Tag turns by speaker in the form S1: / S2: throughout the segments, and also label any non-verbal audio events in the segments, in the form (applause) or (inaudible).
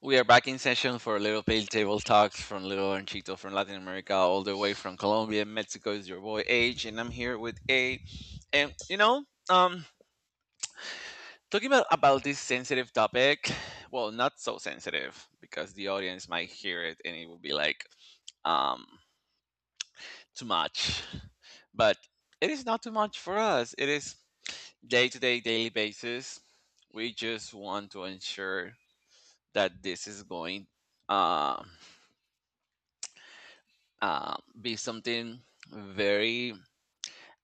S1: We are back in session for Little Pale Table Talks from Little and Chito from Latin America, all the way from Colombia. Mexico is your boy H, and I'm here with A. And you know, um, talking about this sensitive topic. Well, not so sensitive because the audience might hear it and it will be like, um, too much. But it is not too much for us. It is day to day, daily basis. We just want to ensure that this is going Um, be something very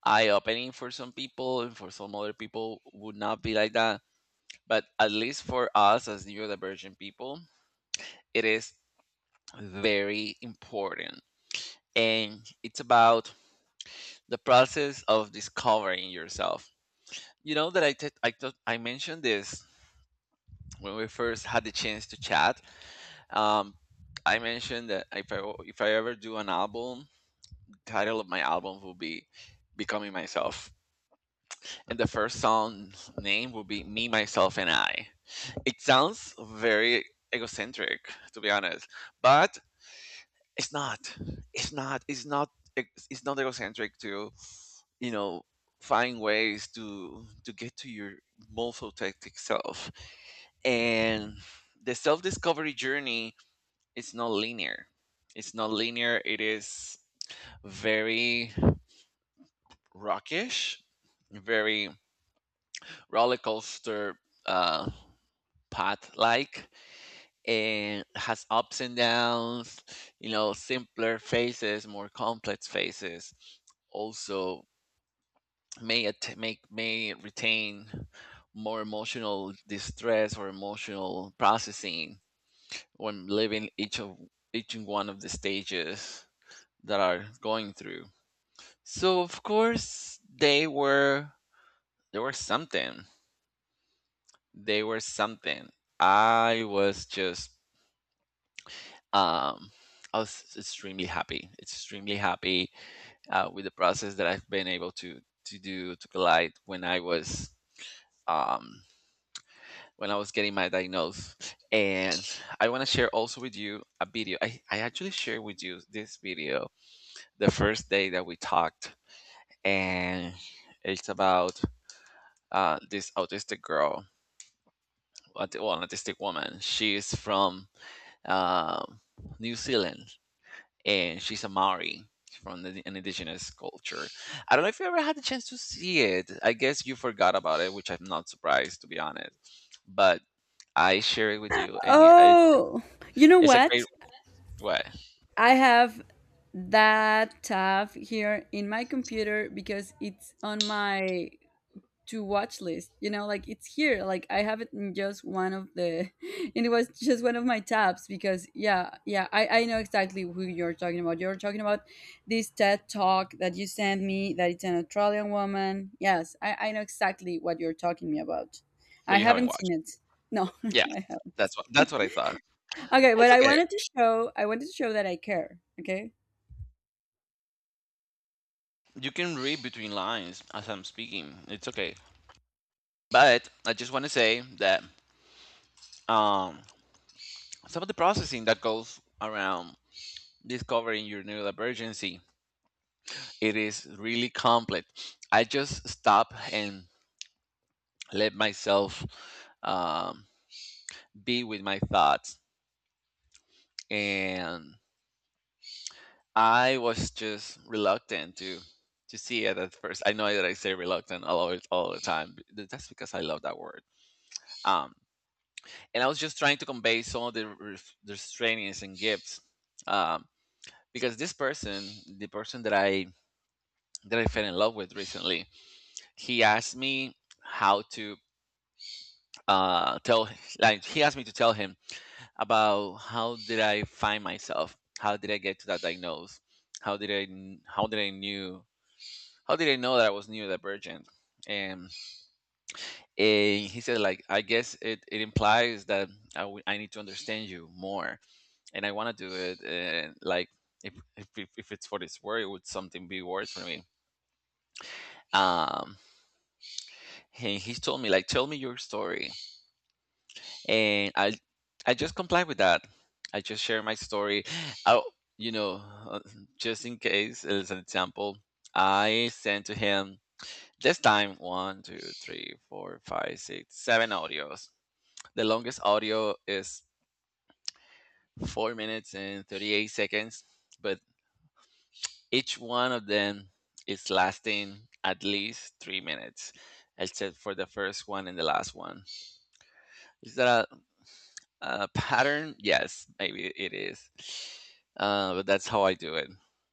S1: eye opening for some people, and for some other people would not be like that. But at least for us as neurodivergent people, it is very important. And it's about the process of discovering yourself. You know that I mentioned this when we first had the chance to chat. Um, I mentioned that if I ever do an album, title of my album will be "Becoming Myself," and the first song's name would be Me, Myself, and I. It sounds very egocentric, to be honest, but it's not. It's not. E, It's not egocentric to, you know, find ways to get to your most authentic self. And the self-discovery journey is not linear. It's not linear. It is very rockish, very roller coaster uh, path like, and has ups and downs, you know, simpler phases, more complex phases. Also may at- make may retain more emotional distress or emotional processing when living each one of the stages that are going through. So of course they were something. They were something. I was just um, I was extremely happy with the process that I've been able to do to collide um, when I was getting my diagnosis. And I want to share also with you a video. I actually shared with you this video the first day that we talked, and it's about this autistic girl, well, an autistic woman. She is from um, New Zealand, and she's a Maori from the, an indigenous culture. I don't know if you ever had the chance to see it. I guess you forgot about it, which I'm not surprised, to be honest. But I share it with you, and
S2: Oh, you know
S1: it's a great
S2: what?
S1: way.
S2: I have that tab here in my computer because it's on my to watch list. You know, like it's here. Like I have it in just one of the, (laughs) and it was just one of my tabs because yeah, yeah, I know exactly who you're talking about. You're talking about this TED talk that you sent me that it's an Australian woman. Yes, I know exactly what you're talking me about.
S1: But
S2: I
S1: you haven't
S2: haven't seen
S1: watched it.
S2: it. No, (laughs)
S1: Yes,
S2: I haven't.
S1: that's what I thought.
S2: Okay, but
S1: It's
S2: I
S1: okay.
S2: wanted to show I wanted to show that I care, okay?
S1: You can read between lines as I'm speaking. It's okay. But I just want to say that um, some of the processing that goes around discovering your neurodivergency, it is really complex. I just stop and let myself um, be with my thoughts, and I was just reluctant to see it at first. I know that I say reluctant a lot all the time, but that's because I love that word. Um, and I was just trying to convey some of the the restrainings and gifts, um, because this person, the person that I fell in love with recently, he asked me how to tell, like he asked me to tell him about how did I find myself, how did I get to that diagnosis, how did I knew, how did I know that I was neurodivergent. And he said like I guess it implies that I need to understand you more and I want to do it, and like if it's for this word it would something be worse for me. um and he told me like tell me your story, and I just comply with that. I just share my story. Oh, you know, uh, just in case as an example, I sent to him this time one, two, three, four, five, six, seven audios. The longest audio is 4 minutes and 38 seconds, but each one of them is lasting at least 3 minutes, except for the first one and the last one. Is that (laughs) pattern? Yes, maybe it is. But that's how I do it.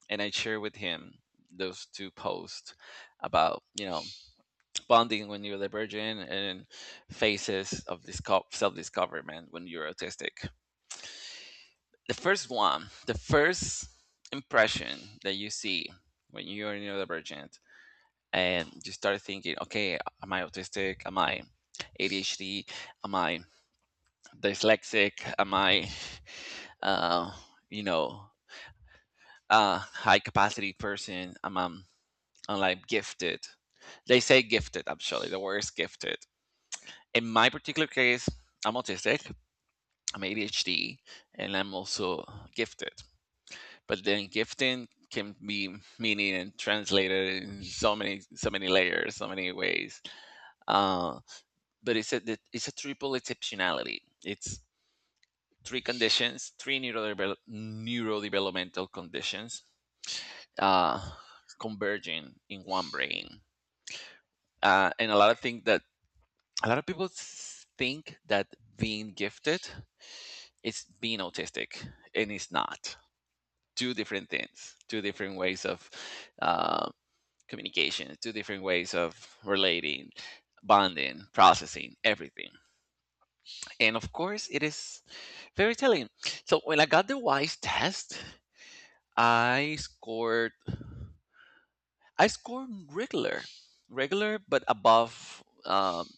S1: And I share with him those two posts about, you know, bonding when you're divergent and phases of self discoverment when you're autistic. The first one, the first impression that you see when you're neurodivergent, and you start thinking, okay, am I autistic? Am I ADHD? Am I dyslexic? Am I, uh, you know, a high capacity person? Am I gifted? They say gifted, actually, the word is gifted. In my particular case, I'm autistic, I'm ADHD, and I'm also gifted. But then gifting can be meaning and translated in so many layers, so many ways, uh, but it's a, it's a triple exceptionality. It's three conditions, three neurodevelopmental conditions uh, converging in one brain. And a lot of think that a lot of people think that being gifted is being autistic, and it's not. Two different things, two different ways of uh, communication, two different ways of relating, bonding, processing, everything. And of course, it is very telling. So when I got the WISE test, I scored I score regular, regular, but above,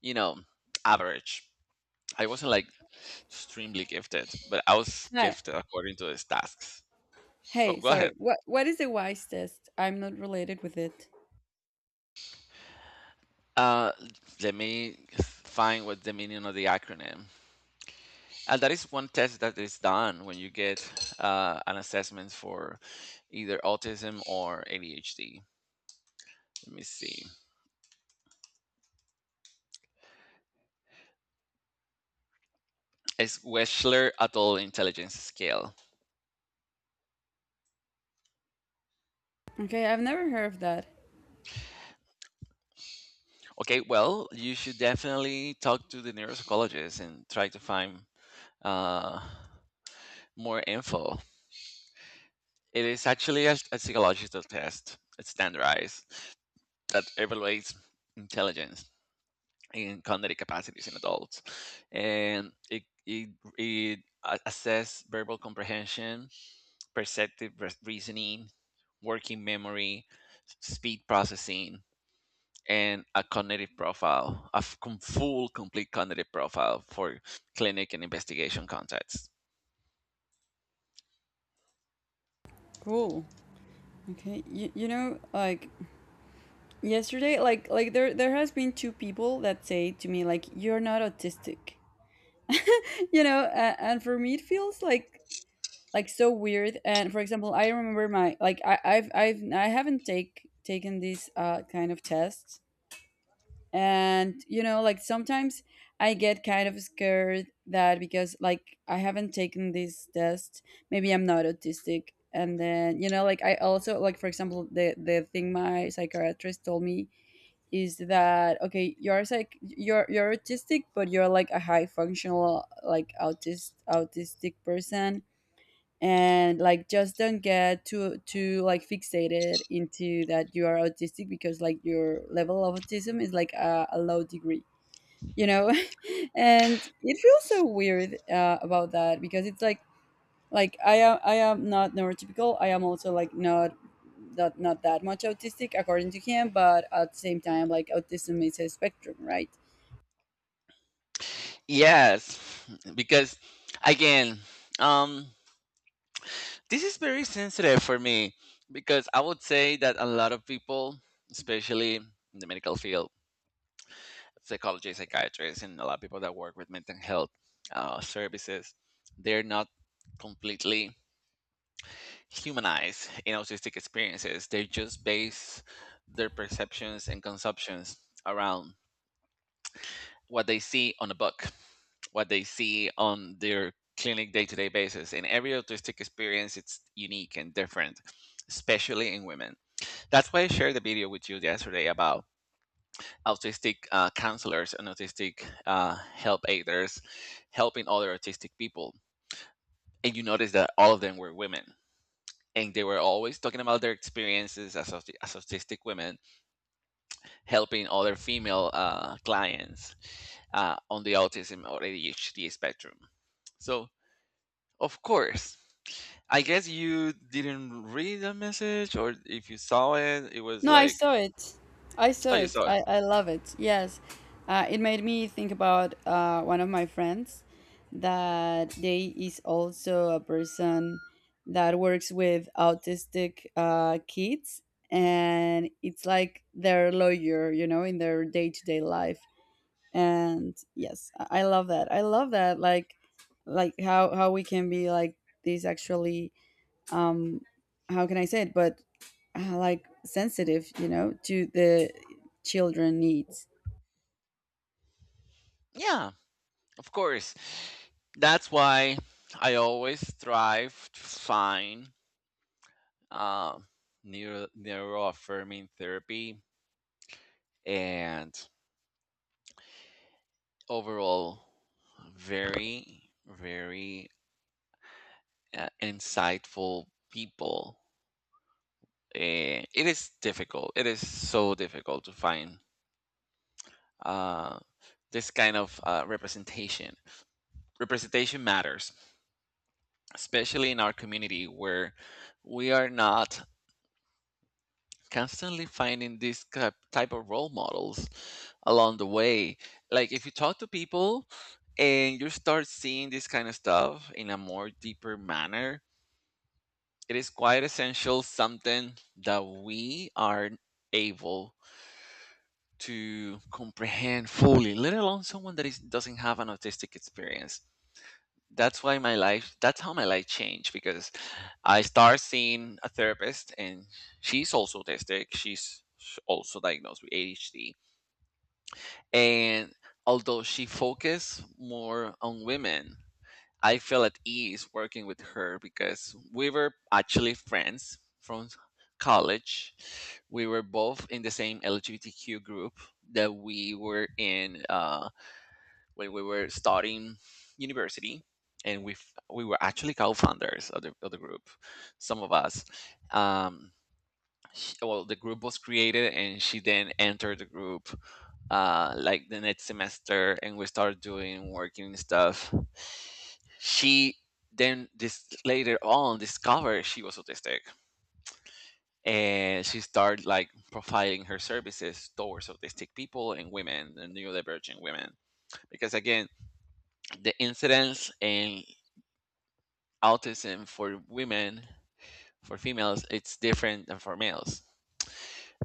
S1: you know, average. I wasn't like extremely gifted, but I was
S2: Hi.
S1: gifted according to his tasks. Oh,
S2: Hey,
S1: go ahead.
S2: sorry. What is the wise test? I'm not related with it.
S1: Uh, Let me find what's the meaning of the acronym. And that is one test that is done when you get an assessment for either autism or ADHD. Let me see. It's Wechsler Adult Intelligence Scale.
S2: Okay, I've never heard of that.
S1: Okay, well, you should definitely talk to the neuropsychologist and try to find uh, more info. It is actually a psychological test. It's standardized, that evaluates intelligence and cognitive capacities in adults. And it assess verbal comprehension, reasoning, working memory, speed processing, and a cognitive profile, full, complete cognitive profile for clinic and investigation contexts.
S2: Cool. Okay. You know, like yesterday, like there has been two people that say to me like you're not autistic. (laughs) You know, and for me it feels like so weird. And for example, I remember my like I I've I haven't taken this kind of test. And like sometimes I get kind of scared that because like I haven't taken this test, maybe I'm not autistic. And then like I also like, for example, the thing my psychiatrist told me is that okay, you're autistic, but you're like a high functional like autistic person. And like just don't get too like fixated into that you are autistic because like your level of autism is like a low degree you know (laughs) and it feels so weird about that because it's like I am not neurotypical. I am also like not that much autistic according to him, but at the same time, like, autism is a spectrum, right?
S1: Yes, because again, um, this is very sensitive for me because I would say that a lot of people, especially in the medical field, psychologists, psychiatrists, and a lot of people that work with mental health services, they're not completely humanize in autistic experiences. They just base their perceptions and consumptions around what they see on a book, what they see on their clinic day to day basis. And every autistic experience, it's unique and different, especially in women. That's why I shared the video with you yesterday about autistic counselors and autistic help aiders helping other autistic people. And you notice that all of them were women, and they were always talking about their experiences as, as autistic women helping other female clients on the autism or ADHD spectrum. So, of course, I guess you didn't read the message, or if you saw it, it was
S2: No, I
S1: like,
S2: saw it. I
S1: oh,
S2: saw
S1: you
S2: it.
S1: saw it.
S2: I love it. Yes. It made me think about one of my friends that they is also a person that works with autistic kids, and it's like their lawyer, you know, in their day-to-day life. And yes, I love that. I love that like how we can be like this, actually. Um how can I say it? But like sensitive to the children needs.
S1: Yeah, of course. That's why I always strive to find uh, neuro neuroaffirming therapy and overall very very insightful people. It is difficult, it is so difficult to find uh, this kind of representation. Representation matters, especially in our community, where we are not constantly finding these type of role models along the way. Like if you talk to people and you start seeing this kind of stuff in a more deeper manner, it is quite essential, something that we are able to comprehend fully, let alone someone that is doesn't have an autistic experience. That's how my life changed, because I start seeing a therapist, and she's also autistic, she's also diagnosed with ADHD. And although she focused more on women, I feel at ease working with her because we were actually friends from college. We were both in the same LGBTQ group that we were in when we were starting university, and we were actually co-founders of the group, some of us. Um, sh Well, the group was created and she then entered the group like the next semester and we started doing working and stuff. She then this later on discovered she was autistic, and she started like profiling her services towards autistic people and women and neurodivergent women, because again the incidence in autism for women, for females, it's different than for males.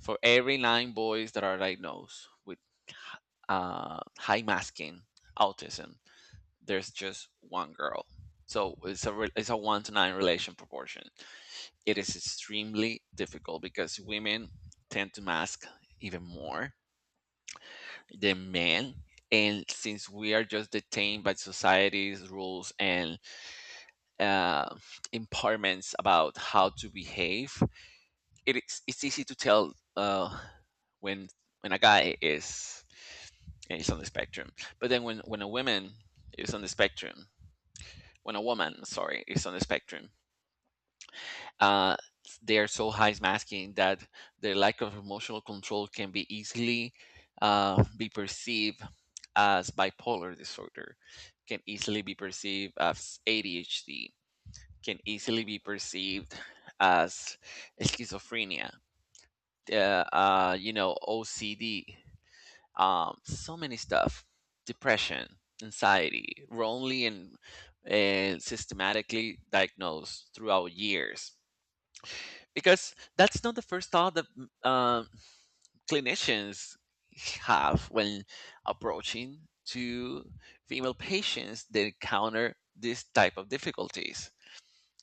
S1: For every nine boys that are diagnosed with high masking autism, there's just one girl. So it's a it's a one to nine relation proportion. It is extremely difficult because women tend to mask even more than men. And since we are just detained by society's rules and uh, impairments about how to behave, it's easy to tell when when a guy is on the spectrum, but then when a woman is on the spectrum, when a woman, sorry, is on the spectrum. uh, they are so high masking that their lack of emotional control can be easily be perceived as bipolar disorder, can easily be perceived as ADHD, can easily be perceived as schizophrenia, OCD, so many stuff, depression, anxiety, wrongly and systematically diagnosed throughout years, because that's not the first thought that clinicians have when approaching to female patients that encounter this type of difficulties.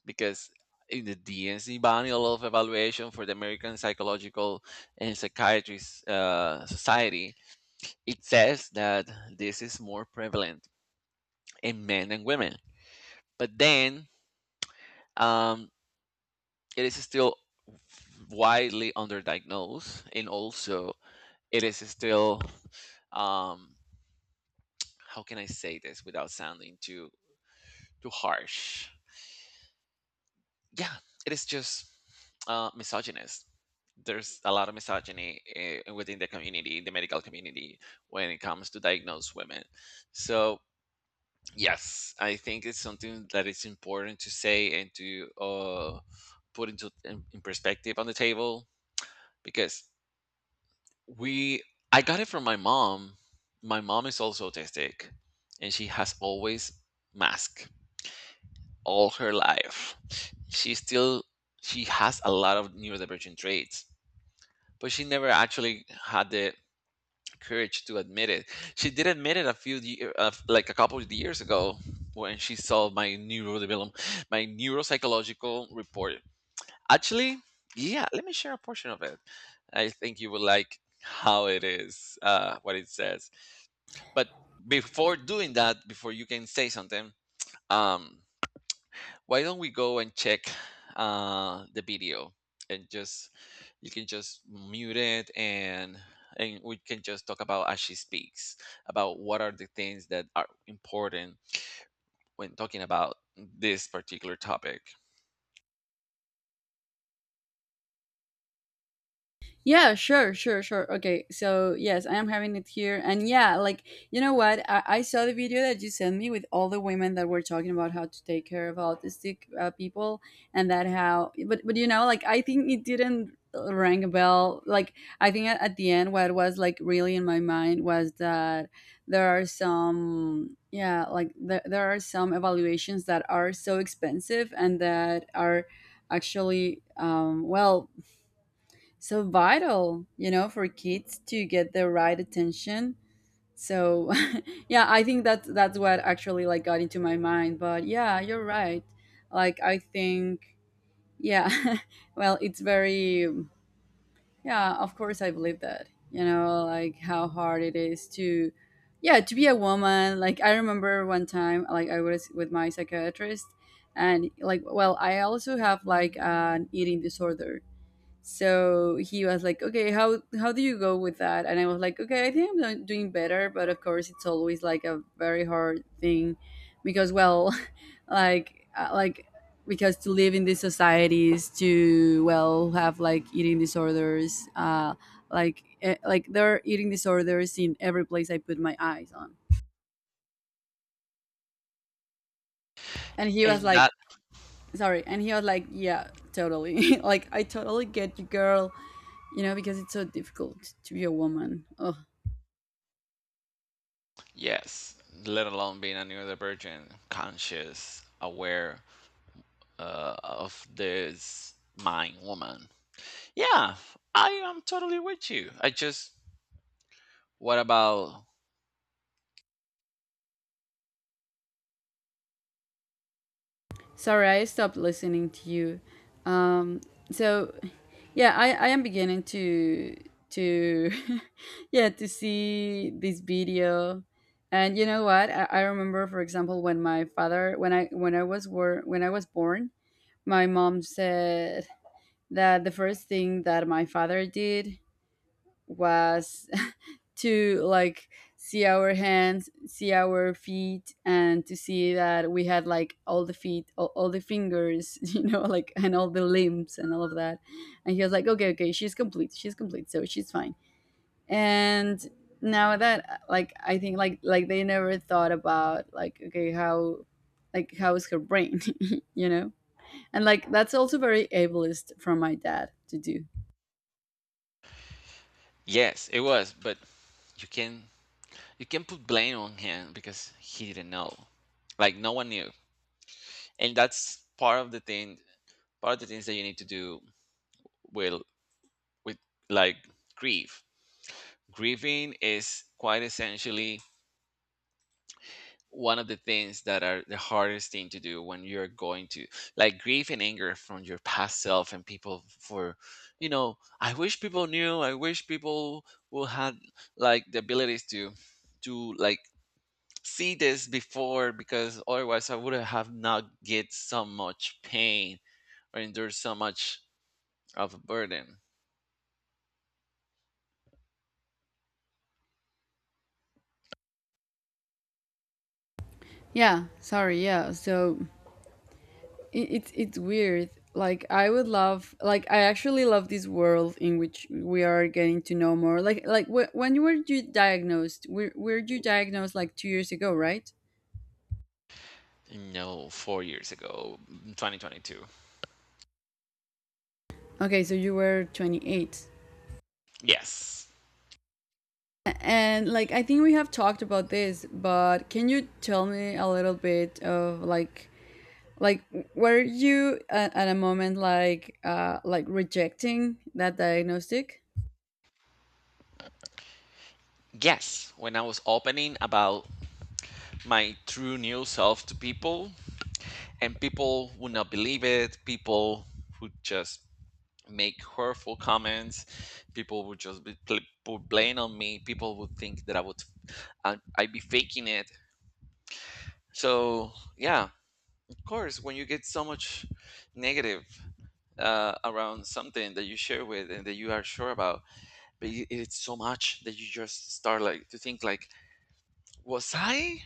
S1: Because in the DNC Manual of Evaluation for the American Psychological and Psychiatry Society, it says that this is more prevalent in men than women. But then um, it is still widely underdiagnosed, and also it is still, um, how can I say this without sounding too too harsh? Yeah, it is just misogynist. There's a lot of misogyny within the community, the medical community, when it comes to diagnose women. So yes, I think it's something that it's important to say and to put into in perspective on the table, because we I got it from my mom. My mom is also autistic, and she has always mask all her life. She still she has a lot of neurodivergent traits, but she never actually had the courage to admit it. She did admit it like a couple of years ago, when she saw my neurodevelopment, my neuropsychological report. Actually, yeah, let me share a portion of it. I think you will like how it is, what it says. But before doing that, before you can say something, um, why don't we go and check the video, and just you can just mute it and we can just talk about as she speaks about what are the things that are important when talking about this particular topic.
S2: Yeah, sure, sure, sure. Okay, so yes, I am having it here. And yeah, like, you know what? I saw the video that you sent me with all the women that were talking about how to take care of autistic people, and that how, but you know, like, I think it didn't ring a bell. Like, I think at the end, what was like really in my mind was that there are some, yeah, like, there are some evaluations that are so expensive and that are actually well, so vital, for kids to get the right attention. So, (laughs) yeah, I think that that's what actually like got into my mind. But yeah, you're right. Like I think, yeah, (laughs) well, it's very, yeah, of course I believe that. You know, like how hard it is to, yeah, to be a woman. Like I remember one time, like I was with my psychiatrist, and like, well, I also have like an eating disorder. So he was like, okay, how do you go with that? And I was like, okay, I think I'm doing better, but of course it's always like a very hard thing because, well, (laughs) like like, because to live in these societies, to, well, have like eating disorders, like there are eating disorders in every place I put my eyes on. And he was
S1: And
S2: like,
S1: that
S2: sorry. And he was like, yeah, totally. (laughs) Like, I totally get you, girl. You know, because it's so difficult to be a woman. Ugh.
S1: Yes, let alone being a neurodivergent, conscious, aware of this mind woman. Yeah, I am totally with you. I just, what about?
S2: Sorry, I stopped listening to you. Um, so, yeah, I am beginning to to (laughs) yeah to see this video. And you know what? I remember, for example, when my father when I was born, my mom said that the first thing that my father did was (laughs) to, like, see our hands, see our feet, and to see that we had like all the feet, all the fingers, (laughs) like, and all the limbs and all of that. And he was like, okay, okay, she's complete, so she's fine. And now that, like, I think like they never thought about like, okay, how, like, how is her brain, (laughs) you know? And like that's also very ableist from my dad to do.
S1: Yes, it was, but you can, you can put blame on him because he didn't know. Like no one knew. And that's part of the thing, part of the things that you need to do, will with, like, grief. Grieving is quite essentially one of the things that are the hardest thing to do when you're going to, like, grief and anger from your past self and people for, you know, I wish people knew, I wish people will had like the abilities to like see this before, because otherwise I would have not get so much pain or endured so much of a burden.
S2: Yeah, sorry, yeah. So it's weird. Like, I would love, like, I actually love this world in which we are getting to know more like when you were you diagnosed were you diagnosed, like, 2 years ago, right?
S1: No, 4 years ago, 2022.
S2: Okay, so you were 28?
S1: Yes.
S2: And like, I think we have talked about this, but can you tell me a little bit of like were you at a moment like rejecting that diagnostic?
S1: Yes. When I was opening about my true new self to people, and people would not believe it, people would just make hurtful comments, people would just be, put blame on me, people would think that I would, I'd be faking it. So, yeah. Of course, when you get so much negative around something that you share with and that you are sure about, but it's so much that you just start like to think like, was I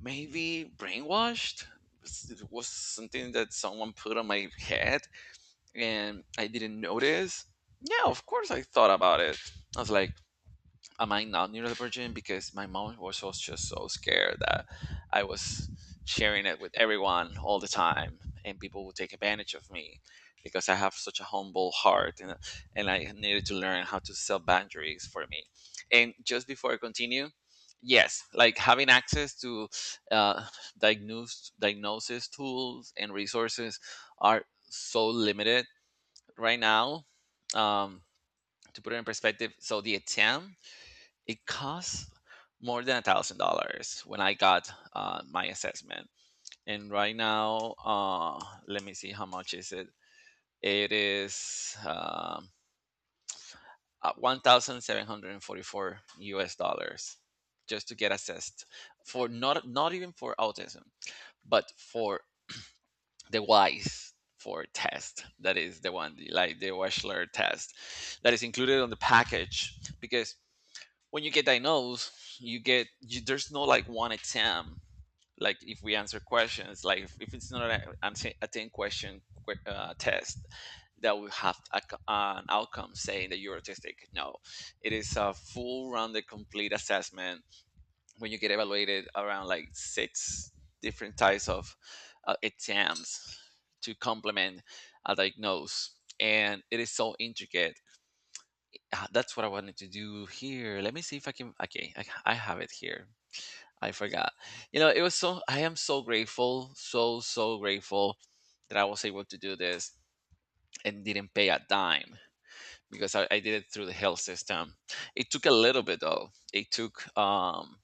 S1: maybe brainwashed? Was something that someone put on my head and I didn't notice? Yeah, of course I thought about it. I was like, am I not neurodivergent? Because my mom was also just so scared that I was sharing it with everyone all the time, and people would take advantage of me because I have such a humble heart, and I needed to learn how to set boundaries for me. And just before I continue, yes, like having access to uh, diagnose diagnosis tools and resources are so limited right now. Um, to put it in perspective, so the attempt it costs more than $1,000 when I got my assessment. And right now, let me see how much is it. It is 1,744 U.S. dollars just to get assessed for not, not even for autism, but for the WISE for test, that is the one like the Wechsler test, that is included on the package. Because when you get diagnosed, you get, you, there's no like one exam. Like if we answer questions, like if it's not a, a ten a 10 question test, that will have a an outcome saying that you're autistic. No, it is a full rounded, complete assessment. When you get evaluated around like six different types of exams to complement a diagnose, and it is so intricate. Ah, that's what I wanted to do here. Let me see if I can. Okay, I have it here. I forgot. You know, it was so. I am so grateful, so so grateful that I was able to do this and didn't pay a dime, because I did it through the health system. It took a little bit though. It took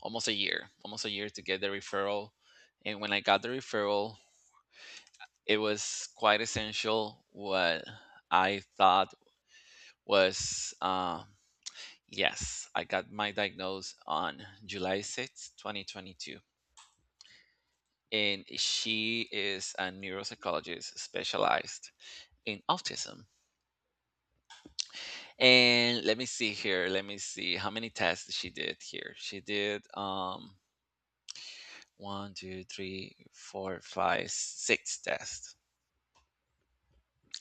S1: almost a year to get the referral. And when I got the referral, it was quite essential what I thought was, yes, I got my diagnosed on July 6, 2022. And she is a neuropsychologist specialized in autism. And let me see here. Let me see how many tests she did here. She did one, two, three, four, five, six tests.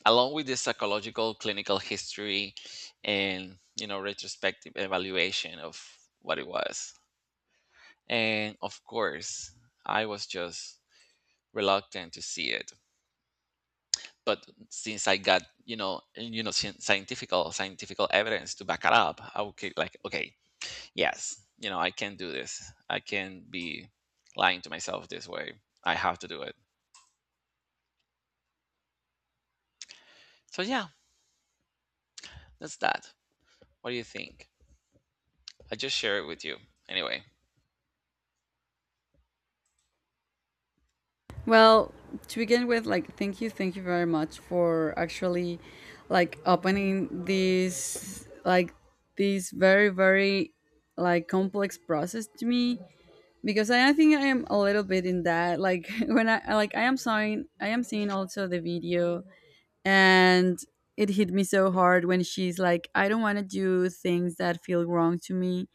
S1: Along with the psychological clinical history and, you know, retrospective evaluation of what it was. And of course, I was just reluctant to see it. But since I got, you know, scientific, scientific evidence to back it up, I would get like, okay, yes, you know I can do this. I can be lying to myself this way. I have to do it. So yeah, that's that. What do you think? I just share it with you. Anyway,
S2: Well, to begin with, like, thank you very much for actually, like, opening this, this very, very, like, complex process to me because I think I am a little bit in that. Like, (laughs) when like, I am seeing also the video, and it hit me so hard when she's like, I don't want to do things that feel wrong to me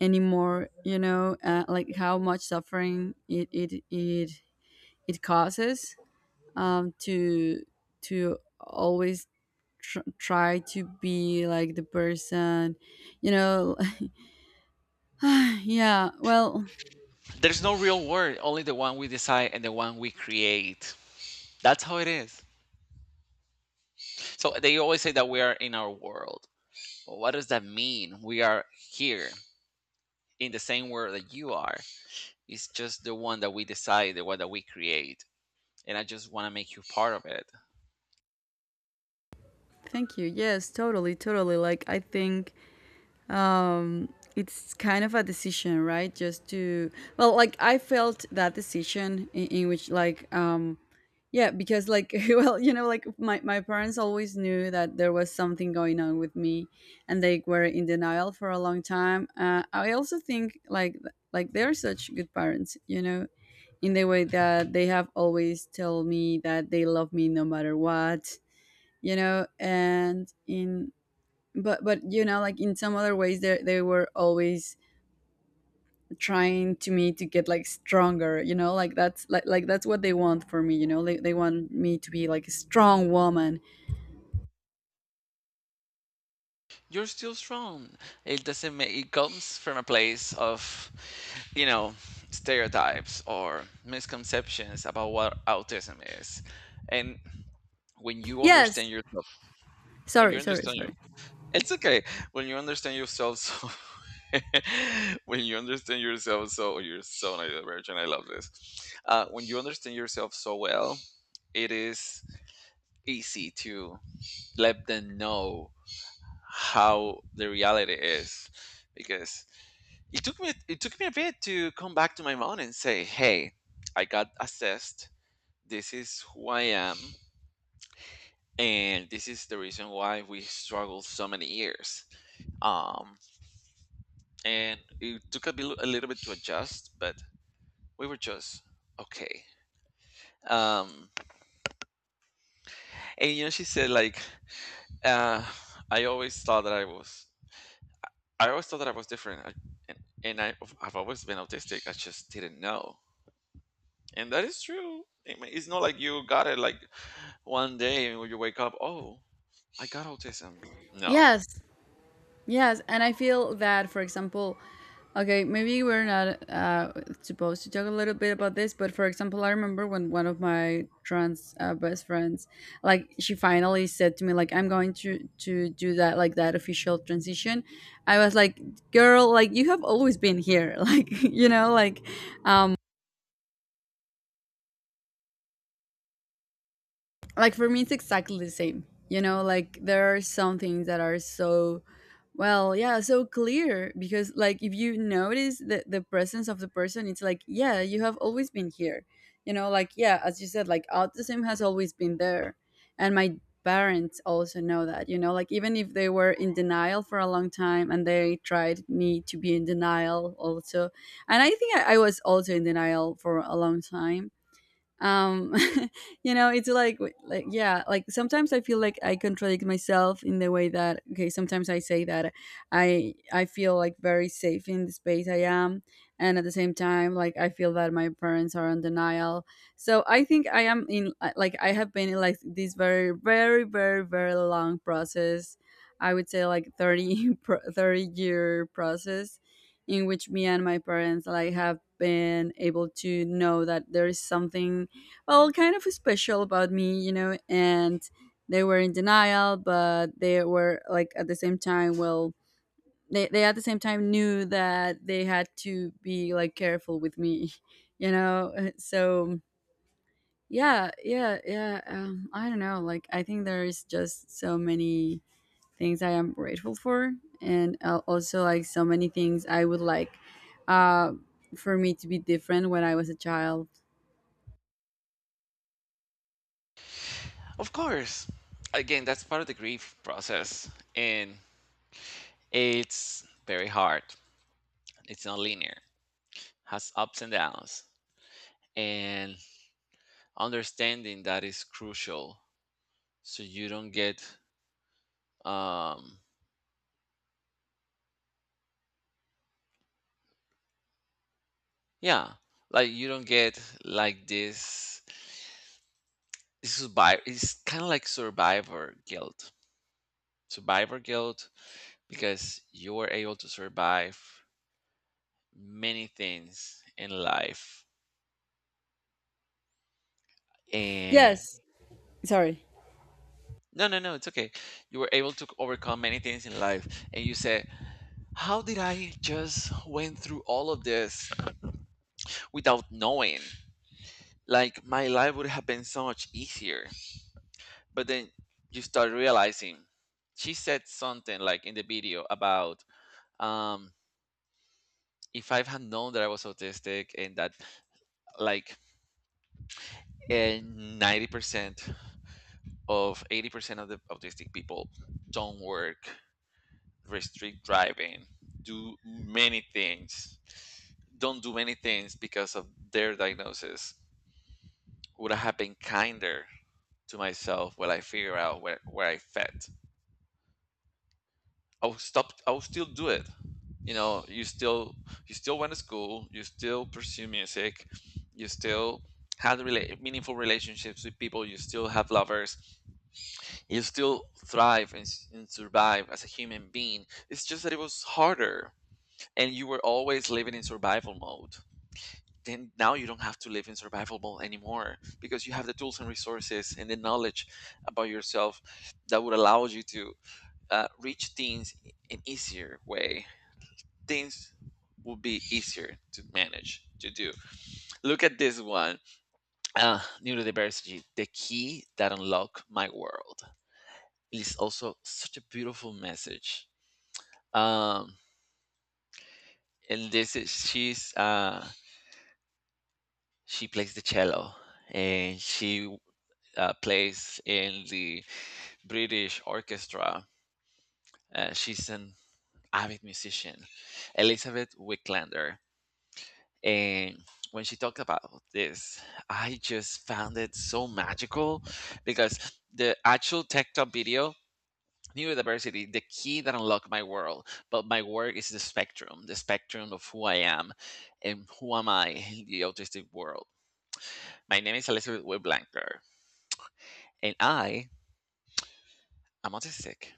S2: anymore. You know, like how much suffering it causes, to always try to be like the person, you know. (sighs) Yeah. Well,
S1: there's no real word, only the one we decide and the one we create. That's how it is. So they always say that we are in our world. But what does that mean? We are here in the same world that you are. It's just the one that we decide, the one that we create. And I just want to make you part of it.
S2: thank you. Yes, totally, totally. Like, I think um it's kind of a decision, right? Just to, well, like, I felt that decision in which, like, yeah, because like, (laughs) well, you know, like my parents always knew that there was something going on with me, and they were in denial for a long time. I also think like they're such good parents, you know, in the way that they have always told me that they love me no matter what. You know, and in but you know like, in some other ways they were always trying to me to get like stronger, you know, like that's like that's what they want for me. You know, they want me to be like a strong woman.
S1: You're still strong. It doesn't make, it comes from a place of, you know, stereotypes or misconceptions about what autism is. And when you
S2: Yes,
S1: understand yourself, when you
S2: sorry, sorry,
S1: understand you,
S2: sorry.
S1: it's okay. When you understand yourself, so (laughs) when you understand yourself, so oh, you're so neurodivergent. I love this. When you understand yourself so well, it is easy to let them know how the reality is, because it took me a bit to come back to my mom and say, hey, I got assessed, this is who I am, and this is the reason why we struggled so many years. um and it took a bit, a little bit to adjust, but we were just okay. um and, you know, she said like, uh i always thought that i was I always thought that I was different, I, and, and I, I've always been autistic. I just didn't know, and that is true. I mean, it's not like you got it like one day when you wake up. Oh, I got autism. No,
S2: Yes. Yes, and I feel that, for example, okay, maybe we're not supposed to talk a little bit about this, but for example, I remember when one of my trans best friends, like, she finally said to me, like, I'm going to do that, like, that official transition. I was like, girl, like, you have always been here, (laughs) like, you know, like, um, like, for me it's exactly the same. You know, like there are some things that are so, well, yeah, so clear because, like, if you notice the presence of the person, it's like, yeah, you have always been here. You know, like, yeah, as you said, like, autism has always been there. And my parents also know that. You know, like, even if they were in denial for a long time, and they tried me to be in denial also. And I think I was also in denial for a long time. um (laughs) you know, it's like yeah, like, sometimes I feel like I contradict myself in the way that, okay, sometimes I say that I feel like very safe in the space I am, and at the same time, like, I feel that my parents are on denial. So I think I am in like, I have been in, like, this very, very, very, very long process. I would say like 30 (laughs) 30-year process in which me and my parents, like, have been able to know that there is something, well, kind of special about me. You know, and they were in denial, but they were like at the same time, well, they at the same time knew that they had to be like careful with me, (laughs) you know? So yeah, yeah, yeah. I don't know. Like, I think there is just so many things I am grateful for, and also like so many things I would like uh, for me to be different when I was a child.
S1: of course. Again, that's part of the grief process, and it's very hard. It's not linear. Has ups and downs, and understanding that is crucial. So you don't get, um, yeah, like you don't get like this, it's kind of like survivor guilt, survivor guilt, because you were able to survive many things in life and,
S2: Yes. Sorry.
S1: no no no it's okay, you were able to overcome many things in life, and you said, how did I just went through all of this without knowing? Like my life would have been so much easier. But then you start realizing, she said something like in the video about, um if I had known that I was autistic and that, like, 90% of 80% of the autistic people don't work, restrict driving, do many things, don't do many things because of their diagnosis, would I have been kinder to myself when I figure out where I fit? I'll stop. I'll still do it. You know, you still, you still went to school. You still pursue music. You still had meaningful relationships with people. You still have lovers. You still thrive and, and survive as a human being. It's just that it was harder, and you were always living in survival mode. Then now you don't have to live in survival mode anymore, because you have the tools and resources and the knowledge about yourself that would allow you to reach things in an easier way. Things will be easier to manage to do. Look at this one. Neurodiversity, the key that unlocked my world. It is also such a beautiful message. Um, and this is, she's she plays the cello, and she plays in the British orchestra. She's an avid musician, Elizabeth Wicklander. And when she talked about this, I just found it so magical because the actual Tech Talk video, neurodiversity, the key that unlocked my world, but my work is the spectrum of who I am and who am I in the autistic world. My name is Elizabeth Whitblanker, and I am autistic.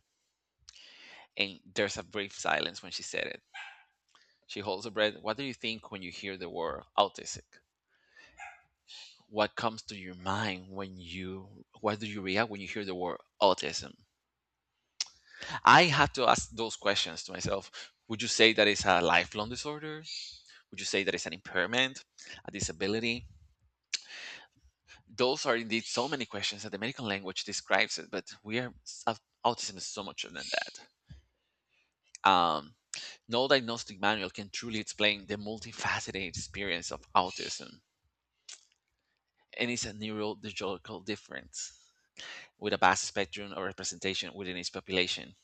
S1: And there's a brief silence when she said it. She holds her breath. What do you think when you hear the word autistic? What comes to your mind when you, what do you react when you hear the word autism? I have to ask those questions to myself. Would you say that it's a lifelong disorder? Would you say that it's an impairment, a disability? Those are indeed so many questions that the medical language describes it, but we are, uh, autism is so much more than that. um, no diagnostic manual can truly explain the multifaceted experience of autism. And it's a neurodevelopmental difference with a vast spectrum of representation within its population.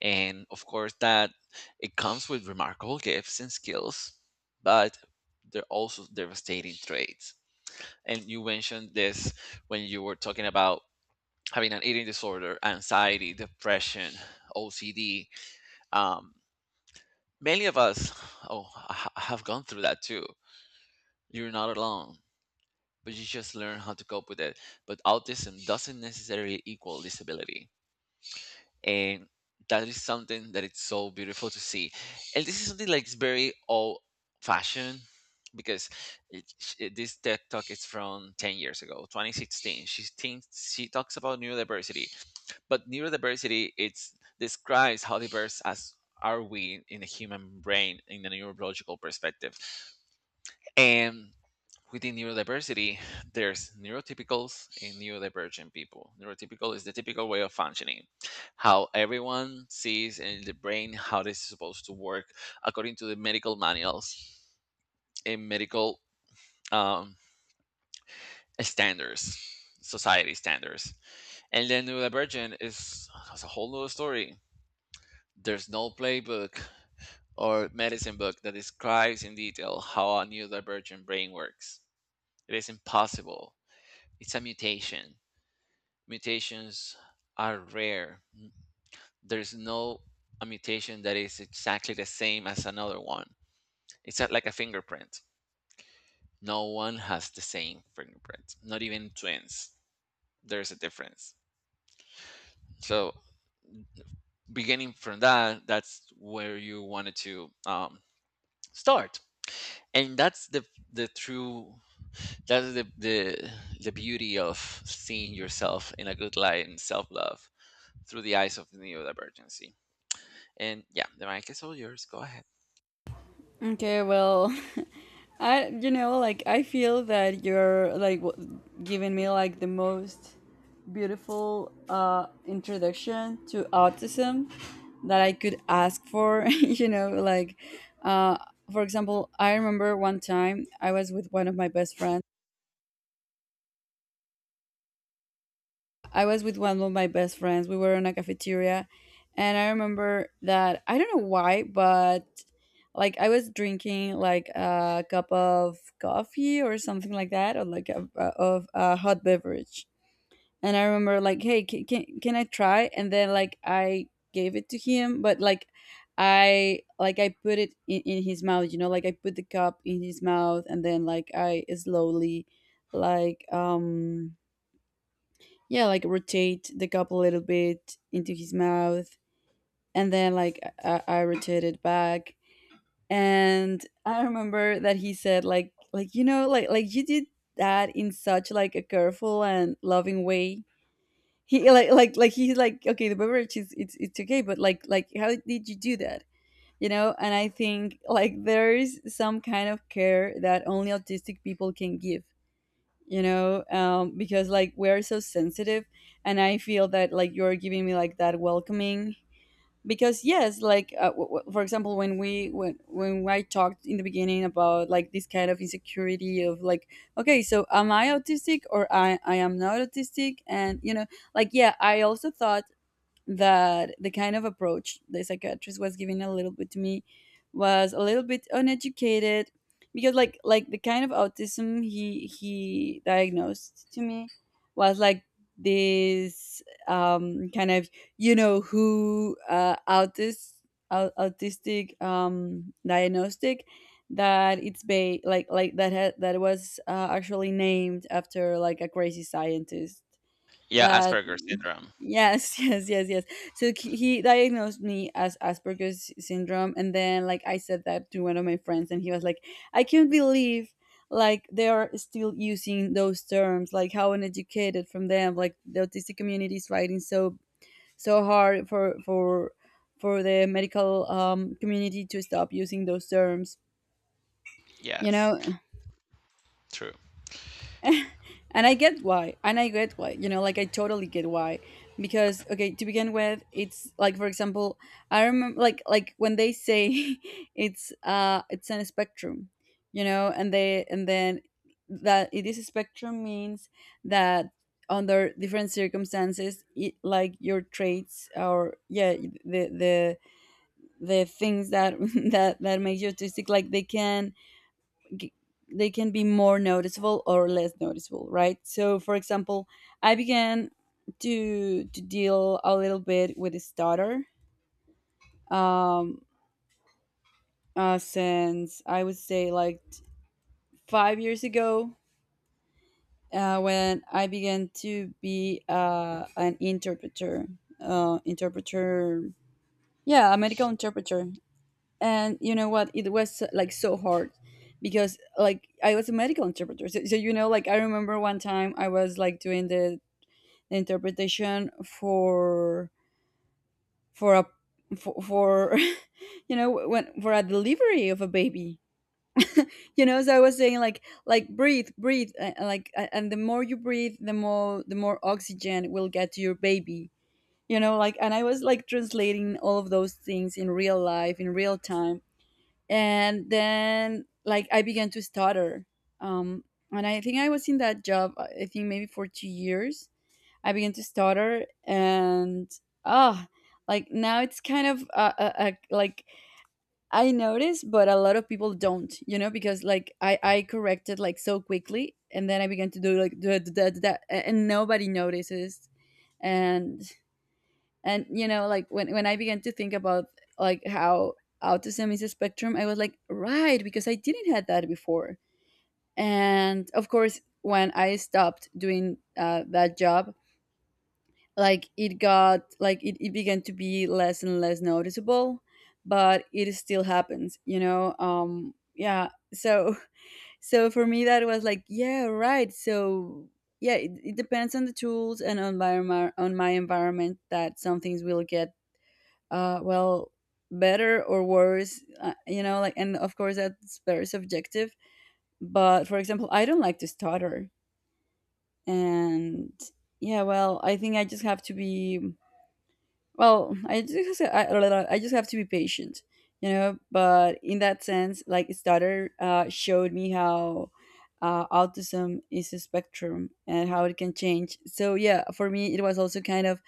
S1: And of course that it comes with remarkable gifts and skills, but they're also devastating traits. And you mentioned this when you were talking about having an eating disorder, anxiety, depression, OCD. um, Many of us, oh, have gone through that too. You're not alone. But you just learn how to cope with it. But autism doesn't necessarily equal disability. And that is something that it's so beautiful to see. And this is something like it's very old fashioned because this TED talk is from 10 years ago, 2016, she thinks. She talks about neurodiversity. But neurodiversity it's, describes how diverse as are we in the human brain in the neurological perspective. And within neurodiversity, there's neurotypicals and neurodivergent people. Neurotypical is the typical way of functioning, how everyone sees in the brain how this is supposed to work according to the medical manuals and medical, um, standards, society standards. And then neurodivergent is a whole other story. There's no playbook or medicine book that describes in detail how a neurodivergent brain works. It is impossible. It's a mutation, mutations are rare. There's no a mutation that is exactly the same as another one. It's not like a fingerprint. No one has the same fingerprint, not even twins. There's a difference. So, beginning from that, that's where you wanted to start. And that's the true, that's the beauty of seeing yourself in a good light and self love through the eyes of neurodivergency. And yeah, the mic is all yours. Go ahead.
S2: Okay, well, (laughs) I feel that you're like giving me like the most beautiful introduction to autism that I could ask for. (laughs) Uh for example, I remember one time I was with one of my best friends. We were in a cafeteria, and I remember that I don't know why, but like I was drinking like a cup of coffee or something like that, or like of a hot beverage. And I remember like, hey, can I try? And then like I gave it to him, but like I put it in his mouth, you know, like I put the cup in his mouth, and then like I slowly like um yeah, like rotate the cup a little bit into his mouth, and then like I rotate it back. And I remember that he said like you did that in such like a careful and loving way. He's like okay the beverage is it's okay but like how did you do that you know. And I think like there is some kind of care that only autistic people can give you know, because like we're so sensitive, and I feel that like you're giving me like that welcoming because yes like for example when we when I talked in the beginning about like this kind of insecurity of like okay so am I autistic or i am not autistic and you know like yeah I also thought that the kind of approach the psychiatrist was giving a little bit to me was a little bit uneducated because like the kind of autism he diagnosed to me was like this kind of you know who autistic diagnostic that it's ba- like that had that was actually named after like a crazy scientist
S1: Yeah,
S2: that.
S1: Asperger's syndrome.
S2: Yes, (laughs) yes, yes, yes. So he diagnosed me as Asperger's syndrome, and then like I said that to one of my friends, and he was like, "I can't believe like they are still using those terms. Like how uneducated from them. Like the autistic community is fighting so so hard for for the medical community to stop using those terms." You
S1: Yes,
S2: know,
S1: true.
S2: and I get why. And I get why. You know, like I totally get why. Because okay, to begin with, it's like for example, I remember like when they say (laughs) it's on a spectrum, you know, and then that it is a spectrum means that under different circumstances it, like your traits or yeah the the the things that (laughs) that makes you autistic like they can g- they can be more noticeable or less noticeable, right? So for example, I began to deal a little bit with this stutter, um since I would say like 5 years ago, when I began to be an interpreter, interpreter, yeah, a medical interpreter. And you know what, it was like so hard because like I was a medical interpreter, so you know like I remember one time I was like doing the interpretation for a for (laughs) you know when for a delivery of a baby, you know, so I was saying like breathe and the more you breathe the more oxygen will get to your baby, you know, like. And I was like translating all of those things in real life, in real time, and then like I began to stutter, um, and I think I was in that job i think maybe for 2 years. I began to stutter, and ah like now it's kind of like I notice but a lot of people don't, you know, because like i corrected like so quickly and then I began to do like da, da, da, da, da, and nobody notices. and and you know like when I began to think about like how autism is a spectrum, I was like right, because I didn't had that before. And of course, when I stopped doing that job, like it got like it began to be less and less noticeable, but it still happens, you know. Yeah, so (laughs) so for me that was like yeah, right. So yeah, it depends on the tools and on my on my environment that some things will get well, better or worse, you know, like. And of course that's very subjective. But for example, I don't like to stutter. And yeah, well, I think I just have to be, well, I just have to be patient, you know, but in that sense, like, stutter showed me how autism is a spectrum and how it can change. So yeah, for me it was also kind of,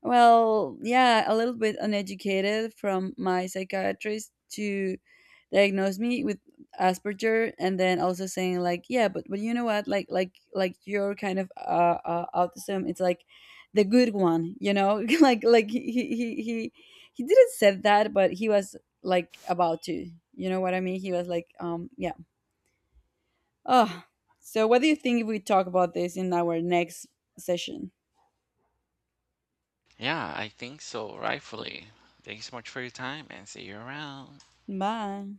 S2: well, yeah, a little bit uneducated from my psychiatrist to diagnose me with Asperger, and then also saying like, yeah, but you know what, like your kind of autism, it's like the good one, you know, (laughs) like he didn't said that, but he was like about to, you know what I mean? He was like, yeah. Oh, so what do you think if we talk about this in our next session?
S1: Yeah, I think so. Rightfully. Thank you so much for your time and see you around.
S2: Bye.